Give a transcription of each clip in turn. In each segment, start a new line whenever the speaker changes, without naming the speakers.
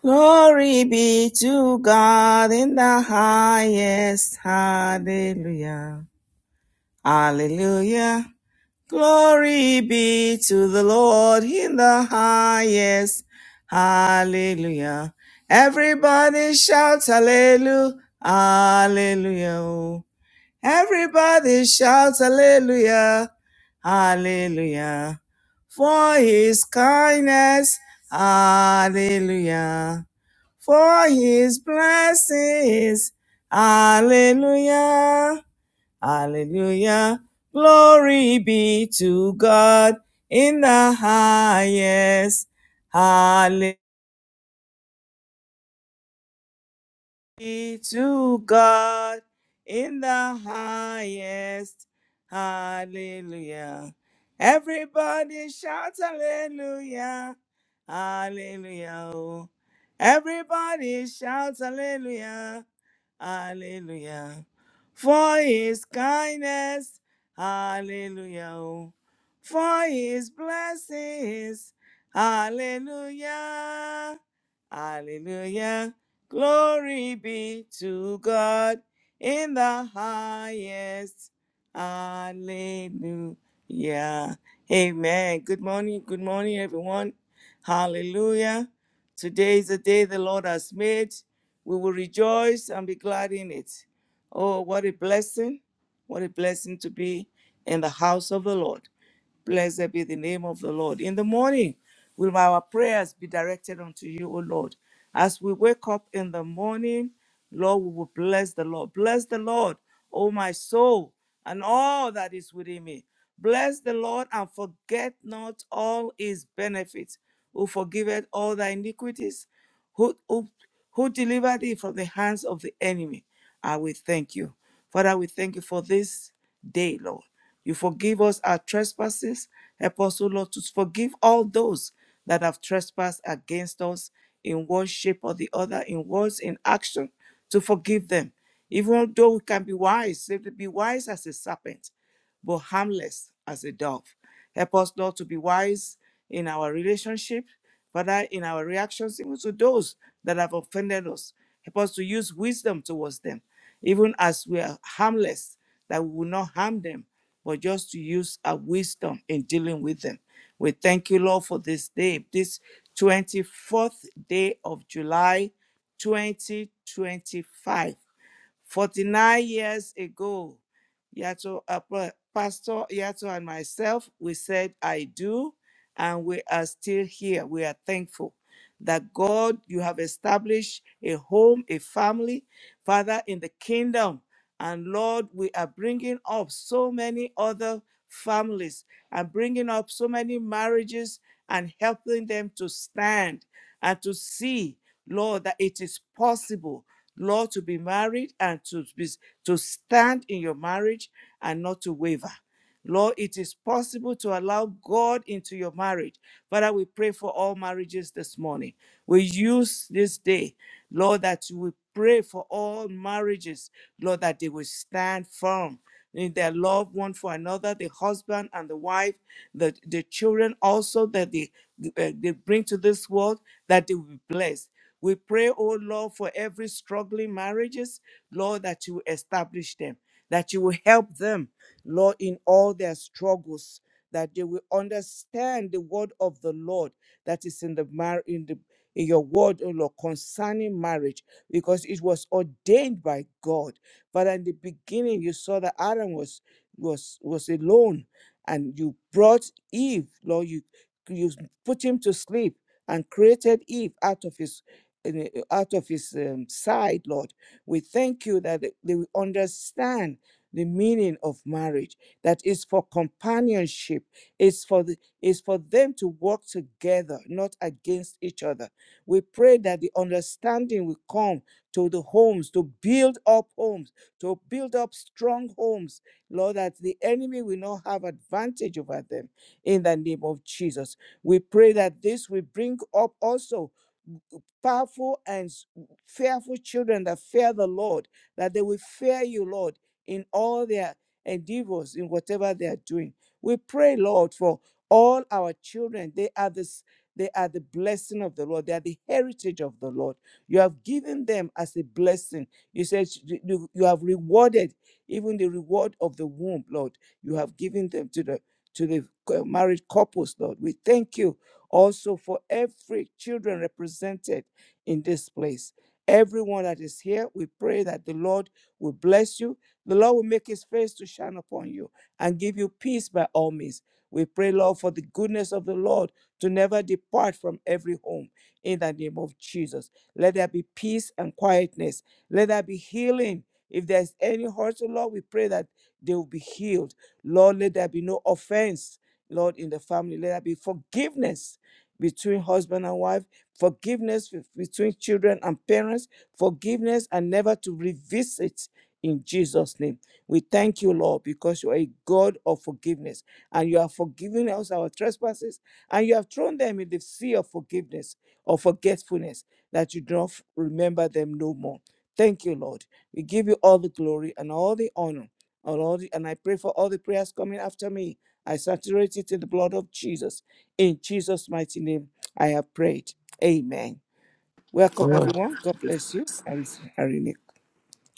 Glory be to God in the highest. Hallelujah. Hallelujah. Glory be to the Lord in the highest. Hallelujah. Everybody shout hallelujah. Hallelujah. Everybody shout hallelujah. Hallelujah. For his kindness. Hallelujah for his blessings. Hallelujah. Hallelujah. Glory be to God in the highest. Hallelujah. be to God in the highest. Hallelujah. Everybody shout hallelujah. Hallelujah. oh. Everybody shout hallelujah. Hallelujah. For his kindness. Hallelujah. oh. For his blessings. Hallelujah. Hallelujah. Glory be to God in the highest. Hallelujah. Amen. Good morning. Good morning, everyone. Hallelujah. Today is the day the Lord has made. We will rejoice and be glad in it. Oh, what a blessing. What a blessing to be in the house of the Lord. Blessed be the name of the Lord. In the morning, Will our prayers be directed unto you, O Lord? As we wake up in the morning, Lord, we will bless the Lord. Bless the Lord, O my soul, and all that is within me. Bless the Lord and forget not all his benefits, who forgiveth all thy iniquities, who, who, who delivered thee from the hands of the enemy. I will thank you. Father, we thank you for this day, Lord. You forgive us our trespasses. Help us, O Lord, to forgive all those that have trespassed against us in one shape or the other, in words, in action, to forgive them. Even though we can be wise, say to be wise as a serpent, but harmless as a dove. Help us, Lord, to be wise in our relationship, Father, in our reactions, even to those that have offended us. Help us to use wisdom towards them, even as we are harmless, that we will not harm them, but just to use our wisdom in dealing with them. We thank you, Lord, for this day, this 24th day of July 2025. 49 years ago, Yato, uh, Pa- Pastor Yato and myself, we said, I do, and we are still here. We are thankful that God, you have established a home, a family, Father, in the kingdom. And Lord, we are bringing up so many other families and bringing up so many marriages and helping them to stand and to see, Lord, that it is possible, Lord, to be married and to be to stand in your marriage and not to waver. Lord, it is possible to allow God into your marriage. Father, we pray for all marriages this morning. We use this day, Lord, that you will pray for all marriages, Lord, that they will stand firm in their love one for another, the husband and the wife, the, the children also that they, uh, they bring to this world, that they will be blessed. We pray, oh Lord, for every struggling marriages, Lord, that you will establish them, that you will help them Lord, in all their struggles, that they will understand the word of the Lord that is in the mar- in the in your word, O Lord, concerning marriage, because it was ordained by God. But in the beginning, you saw that Adam was was was alone, and you brought Eve, Lord, you you put him to sleep and created Eve out of his in- out of his um, side, Lord. We thank you that they they will understand the meaning of marriage that is for companionship is for the is for them to work together not against each other we pray that the understanding will come to the homes to build up homes to build up strong homes lord that the enemy will not have advantage over them in the name of jesus we pray that this will bring up also powerful and s- fearful children that fear the Lord, that they will fear you, Lord, in all their endeavors, in whatever they are doing. We pray, Lord, for all our children. They are this. They are the blessing of the Lord. They are the heritage of the Lord. You have given them as a blessing. You said you, you you have rewarded even the reward of the womb, Lord. You have given them to the to the co- married couples, Lord. We thank you also for every children represented in this place. Everyone that is here, we pray that the Lord will bless you the Lord will make his face to shine upon you and give you peace by all means. We pray, Lord, for the goodness of the Lord to never depart from every home in the name of Jesus. Let there be peace and quietness. Let there be healing. If there's any hurt, oh Lord, we pray that they will be healed. Lord, let there be no offense, Lord, in the family. Let there be forgiveness between husband and wife, forgiveness be- between children and parents, forgiveness and never to revisit in Jesus' name. We thank you, Lord, because you are a God of forgiveness and you have forgiven us our trespasses and you have thrown them in the sea of forgiveness or forgetfulness that you do not remember them no more. Thank you, Lord. We give you all the glory and all the honor. And, all the, and I pray for all the prayers coming after me. I saturate it in the blood of Jesus. In Jesus' mighty name, I have prayed. Amen. Welcome,
Well,
everyone. God bless you. Irene.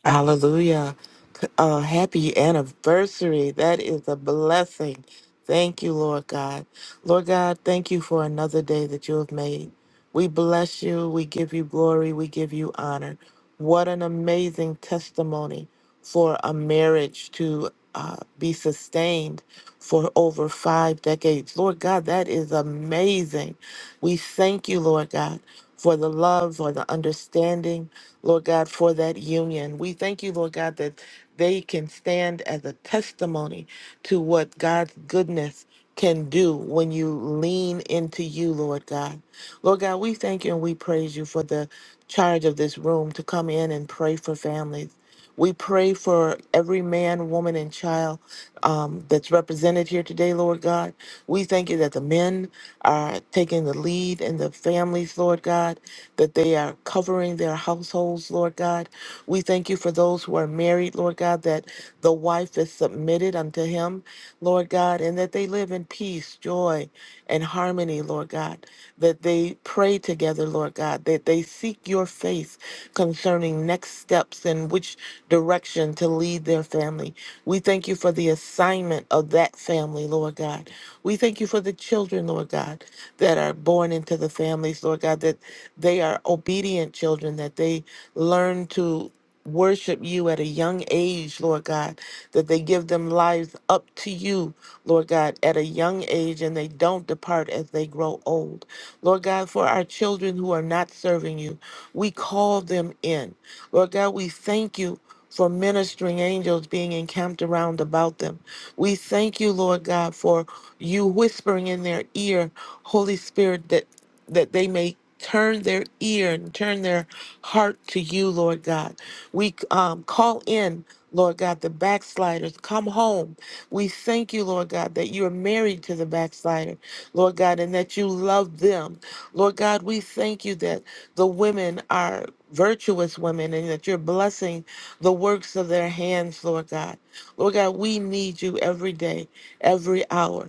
Hallelujah. C- Uh, happy anniversary. That is a blessing. Thank you, Lord God. Lord God, thank you for another day that you have made. We bless you. We give you glory. We give you honor. What an amazing testimony for a marriage to uh, be sustained for over five decades. Lord God, that is amazing. We thank you, Lord God, for the love or the understanding, Lord God, for that union. We thank you, Lord God, that they can stand as a testimony to what God's goodness can do when you lean into you, Lord God. Lord God, we thank you and we praise you for the charge of this room to come in and pray for families. We pray for every man, woman, and child um, that's represented here today, Lord God. We thank you that the men are taking the lead in the families, Lord God, that they are covering their households, Lord God. We thank you for those who are married, Lord God, that the wife is submitted unto him, Lord God, and that they live in peace, joy, and harmony, Lord God, that they pray together, Lord God, that they seek your face concerning next steps and which direction to lead their family. We thank you for the assignment of that family, Lord God. We thank you for the children, Lord God, that are born into the families, Lord God, that they are obedient children, that they learn to worship you at a young age, Lord God, that they give them lives up to you Lord God, at a young age and they don't depart as they grow old. Lord God, for our children who are not serving you, we call them in. Lord God, we thank you for ministering angels being encamped around about them. We thank you, Lord God, for you whispering in their ear, Holy Spirit, that that they may turn their ear and turn their heart to you, Lord God. We um, call in, Lord God, the backsliders. Come home. We thank you, Lord God, that you are married to the backslider, Lord God, and that you love them. Lord God, we thank you that the women are virtuous women and that you're blessing the works of their hands, Lord God. Lord God, we need you every day, every hour.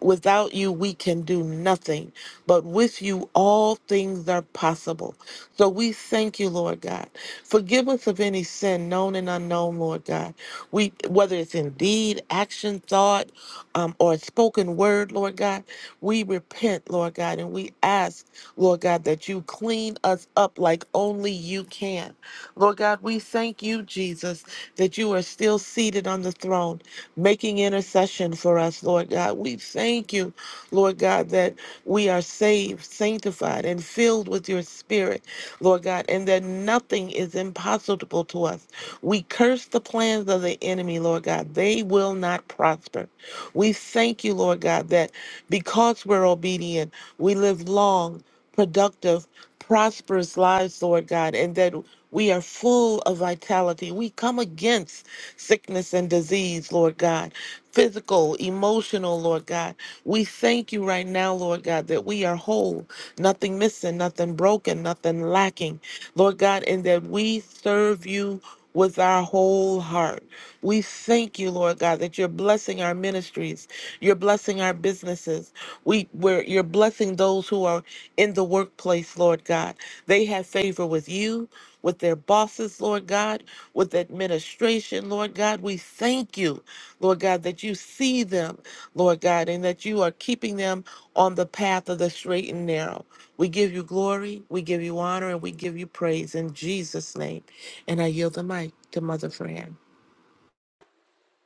Without you, we can do nothing, but with you, all things are possible. So we thank you, Lord God. Forgive us of any sin known and unknown, Lord God. We whether it's in deed, action, thought, um, or spoken word, Lord God, we repent, Lord God, and we ask, Lord God, that you clean us up like only you can. Lord God, we thank you, Jesus, that you are still seated on the throne, making intercession for us, Lord God. We thank you, Lord God, that we are saved, sanctified, and filled with your spirit. Lord God, and that nothing is impossible to us. We curse the plans of the enemy, Lord God. They will not prosper. We thank you, Lord God, that because we're obedient, we live long, productive, prosperous lives, Lord God, and that we are full of vitality. We come against sickness and disease, Lord God, physical, emotional, Lord God. We thank you right now, Lord God, that we are whole nothing missing, nothing broken, nothing lacking, Lord God, and that we serve you with our whole heart. We thank you, Lord God, that you're blessing our ministries. You're blessing our businesses. We, we're, you're blessing those who are in the workplace, Lord God. They have favor with you, with their bosses, Lord God, with administration, Lord God. We thank you, Lord God, that you see them, Lord God, and that you are keeping them on the path of the straight and narrow. We give you glory, we give you honor, and we give you praise in Jesus' name. And I yield the mic to Mother Fran.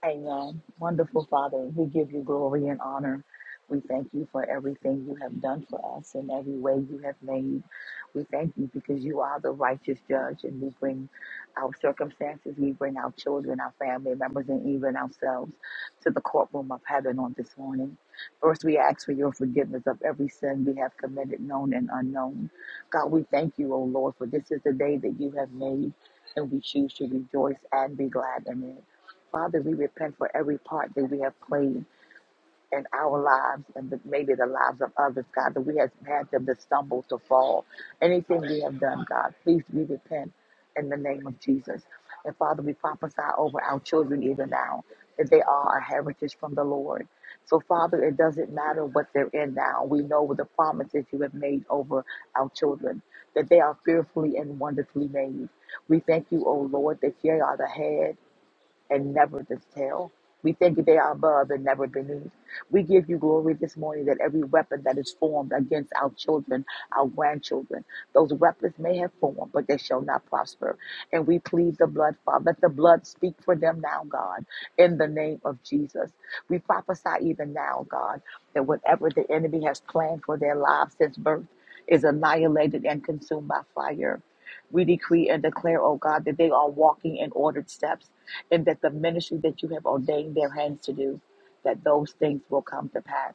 Amen. Wonderful Father, we give you glory and honor. We thank you for everything you have done for us and every way you have made. We thank you because you are the righteous judge and we bring our circumstances, we bring our children, our family members, and even ourselves to the courtroom of heaven on this morning. First, we ask for your forgiveness of every sin we have committed, known and unknown. God, we thank you, O Lord, for this is the day that you have made and we choose to rejoice and be glad in it. Father, we repent for every part that we have played in our lives and the, maybe the lives of others, God, that we have had them to stumble, to fall. Anything we have done, God, please we repent in the name of Jesus. And Father, we prophesy over our children even now that they are a heritage from the Lord. So, Father, it doesn't matter what they're in now. We know with the promises you have made over our children that they are fearfully and wonderfully made. We thank you, O Lord, that they are the head and never this tail. We thank you they are above and never beneath. We give you glory this morning that every weapon that is formed against our children, our grandchildren, those weapons may have formed, but they shall not prosper. And we plead the blood, Father. Let the blood speak for them now, God, in the name of Jesus. We prophesy even now, God, that whatever the enemy has planned for their lives since birth is annihilated and consumed by fire. We decree and declare, oh God, that they are walking in ordered steps and that the ministry that you have ordained their hands to do, that those things will come to pass.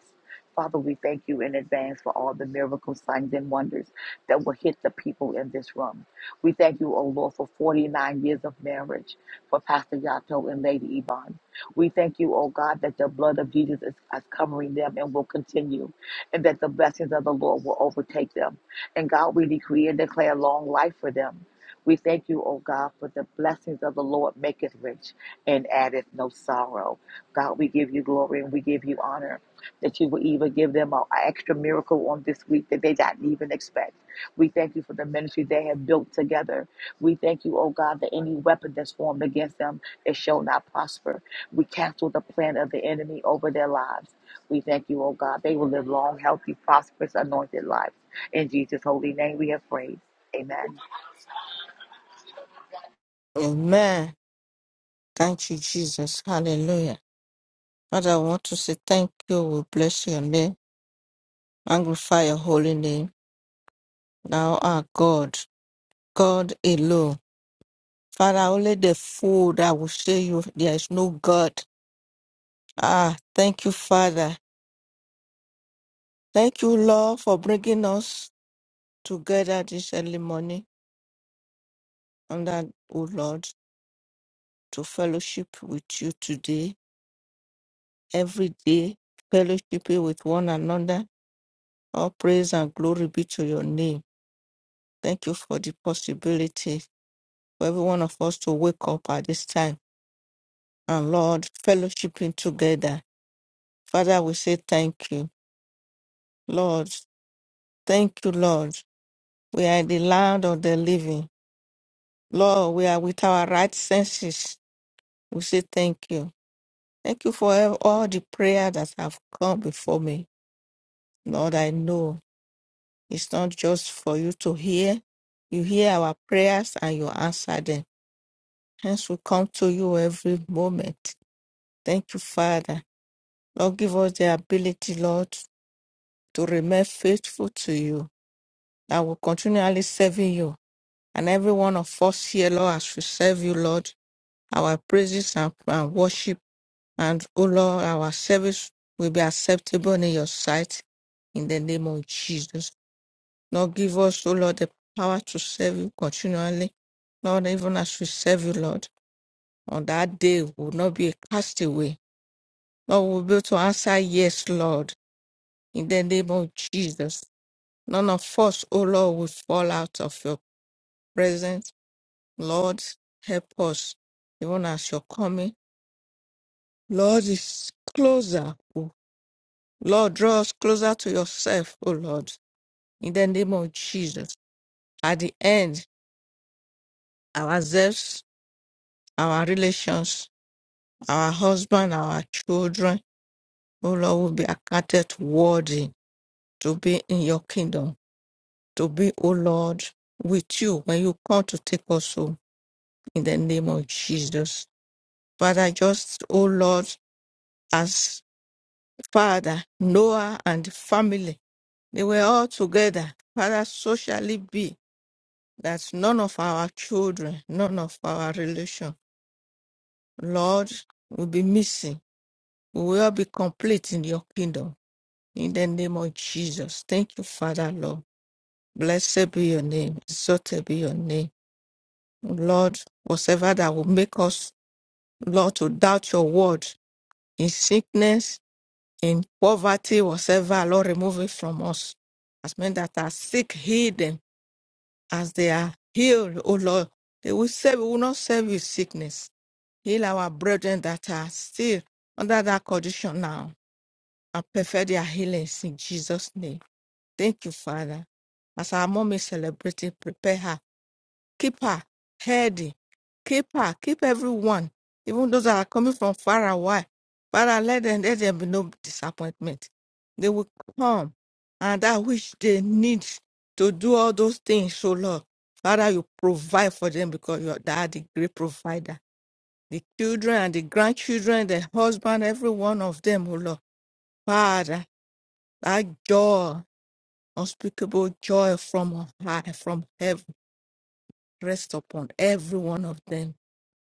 Father, we thank you in advance for all the miracles, signs, and wonders that will hit the people in this room. We thank you, O Lord, for 49 years of marriage for Pastor Yato and Lady Yvonne. We thank you, O God, that the blood of Jesus is, is covering them and will continue, and that the blessings of the Lord will overtake them. And God, we decree and declare long life for them. We thank you, O God, for the blessings of the Lord maketh rich and addeth no sorrow. God, we give you glory and we give you honor that you will even give them an extra miracle on this week that they didn't even expect. We thank you for the ministry they have built together. We thank you, O God, that any weapon that's formed against them, it shall not prosper. We cancel the plan of the enemy over their lives. We thank you, O God. They will live long, healthy, prosperous, anointed lives. In Jesus' holy name we have prayed. Amen.
Amen. Thank you, Jesus. Hallelujah. Father, I want to say thank you. We bless your name. Magnify your holy name. Thou art God, God alone. Father, only the fool that will say you there is no God. Ah, thank you, Father. Thank you, Lord, for bringing us together this early morning. And that, oh Lord, to fellowship with you today, every day, fellowship with one another. All praise and glory be to your name. Thank you for the possibility for every one of us to wake up at this time and Lord, fellowshipping together. Father, we say thank you. Lord, thank you, Lord. We are in the land of the living. Lord, we are with our right senses. We say thank you. Thank you for ev- all the prayer that have come before me. Lord, I know it's not just for you to hear. You hear our prayers and you answer them. Hence, we come to you every moment. Thank you, Father. Lord, give us the ability, Lord, to remain faithful to you, that will continually serving you. And every one of us here, Lord, as we serve you, Lord, our praises and, and worship, and, oh Lord, our service will be acceptable in your sight in the name of Jesus. Lord, give us, oh Lord, the power to serve you continually. Lord, even as we serve you, Lord, on that day we will not be cast away. Lord, we'll be able to answer yes, Lord In the name of Jesus, none of us, O Lord, will fall out of your presence. Lord, help us, even as you're coming. Lord, is closer. O Lord, draw us closer to yourself, O Lord. In the name of Jesus. At the end, ourselves, our relations, our husband, our children, O Lord, will be accounted worthy to be in your kingdom, to be, O Lord, with you when you come to take us home. in the name of Jesus. Father, just, oh Lord, as Father, Noah and family, they were all together. Father, so shall it be that none of our children, none of our relation, Lord, will be missing. We will all be complete in your kingdom. In the name of Jesus. Thank you, Father, Lord. Blessed be your name. Exalted be your name. Lord, whatever that will make us, Lord, to doubt your word in sickness, in poverty, whatsoever, Lord, remove it from us. As men that are sick, heal them as they are healed, O Lord. They will serve, we will not serve you sickness. Heal our brethren that are still under that condition now and perfect their healings in Jesus' name. Thank you, Father. As our mom is celebrating, prepare her keep her healthy, keep her, keep everyone, even those that are coming from far away. Father, let them let there be no disappointment. They will come and that which they need to do all those things, so Lord. Father, you provide for them because you are they are the great provider. The children and the grandchildren, the husband, every one of them, oh Lord. Father, that joy, unspeakable joy from on high, from heaven, rest upon every one of them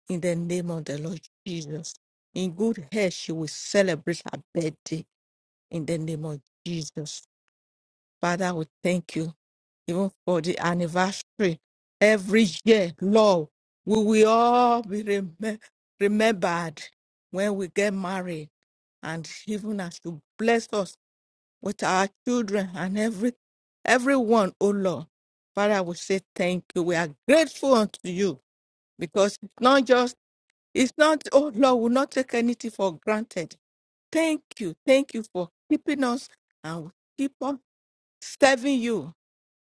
in the name of the Lord Jesus. In good health, she will celebrate her birthday in the name of Jesus. Father, we thank you even for the anniversary every year, Lord. We will all be remem- remembered when we get married, and even as you bless us with our children and every everyone, oh Lord. Father, we say thank you. We are grateful unto you because it's not just it's not, oh Lord, we will not take anything for granted. Thank you. Thank you for keeping us and we keep on serving you.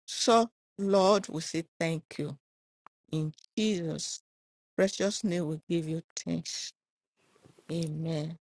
So, Lord, we say thank you. In Jesus' precious name, we give you thanks. Amen.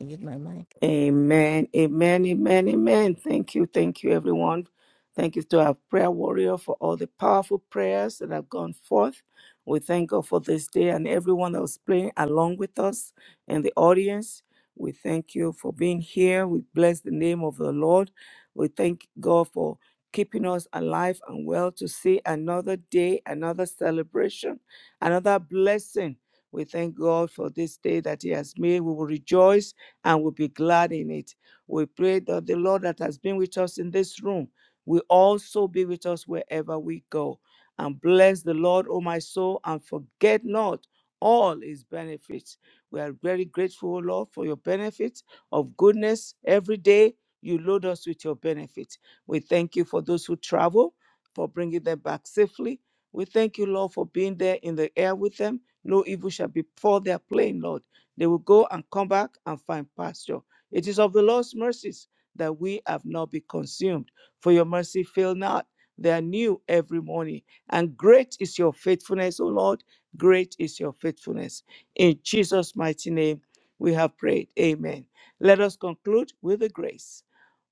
I give my mind.
Amen. Amen. Amen. Amen. Thank you. Thank you, everyone. Thank you to our prayer warrior for all the powerful prayers that have gone forth. We thank God for this day and everyone that was playing along with us and the audience. We thank you for being here. We bless the name of the Lord. We thank God for keeping us alive and well to see another day, another celebration, another blessing. We thank God for this day that He has made. We will rejoice and will be glad in it. We pray that the Lord that has been with us in this room will also be with us wherever we go. And bless the Lord, O my soul, and forget not all his benefits. We are very grateful, O Lord, for your benefits of goodness every day. You load us with your benefits. We thank you for those who travel, for bringing them back safely. We thank you, Lord, for being there in the air with them. No evil shall befall their plane, Lord. They will go and come back and find pasture. It is of the Lord's mercies that we have not been consumed, for your mercy fail not. They are new every morning. And great is your faithfulness, O Lord. Great is your faithfulness. In Jesus' mighty name, we have prayed. Amen. Let us conclude with the grace.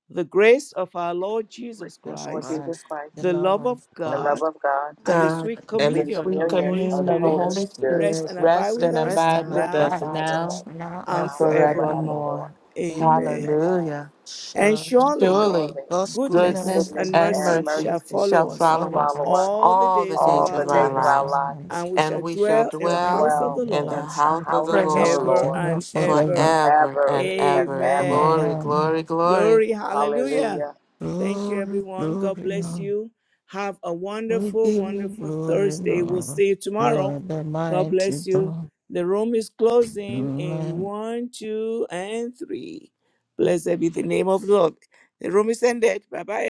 The grace of our Lord
Grace
Jesus
of
Jesus
the Lord
Christ,
Jesus
Christ,
Christ,
the
the
love
love of
of
the
God,
love
God,
of God,
and the
God
sweet
and
and
of
the
sweet
communion
sweet
of the
communion
Holy
of
communion
the
the
of the
Spirit
Holy
Holy
Holy
Spirit
Spirit.
rest
Spirit
and abide
rest
with
and
us
Rest
abide
and
rest
with
and
now
us
abide with
abide with
now
us
us
now
and
and
and
now and
forevermore.
forevermore.
forevermore.
forevermore.
Amen.
Amen.
Amen.
Hallelujah.
And
Surely.
surely
Surely
Surely,
God's
goodness
goodness
goodness
goodness
and
and
and
mercy
and
mercy
mercy
mercy
shall
shall
follow
The
us
shall
thought
follow
of
us
follow
us,
us
all the
all the
days of
what
days
all
to
of
our
the
do
our
days of
with
lives,
our
my
lives,
lives.
life,
and we
and
shall
we shall
We
dwell in the
shall
dwell
house of
dwell
the
and
in
the
Lord
the
in
loss
house
of
the
the
of
house
the
of the
presence
Lord
forever
became
Lord
now
and
forever.
ever.
forever
ever
and
and
ever.
ever.
Amen.
Glory,
Amen.
glory, glory.
Glory, hallelujah.
Hallelujah.
Thank you,
Glory,
everyone. God
glory,
bless
Lord.
you. Have a
We
wonderful,
give you
wonderful
glory,
Thursday. We'll
Lord.
see you
You
tomorrow.
are the
God
mighty
bless you.
God.
The room is closing in
Amen.
one, two, and three. Blessed be the name of the Lord. The room is ended. Bye bye.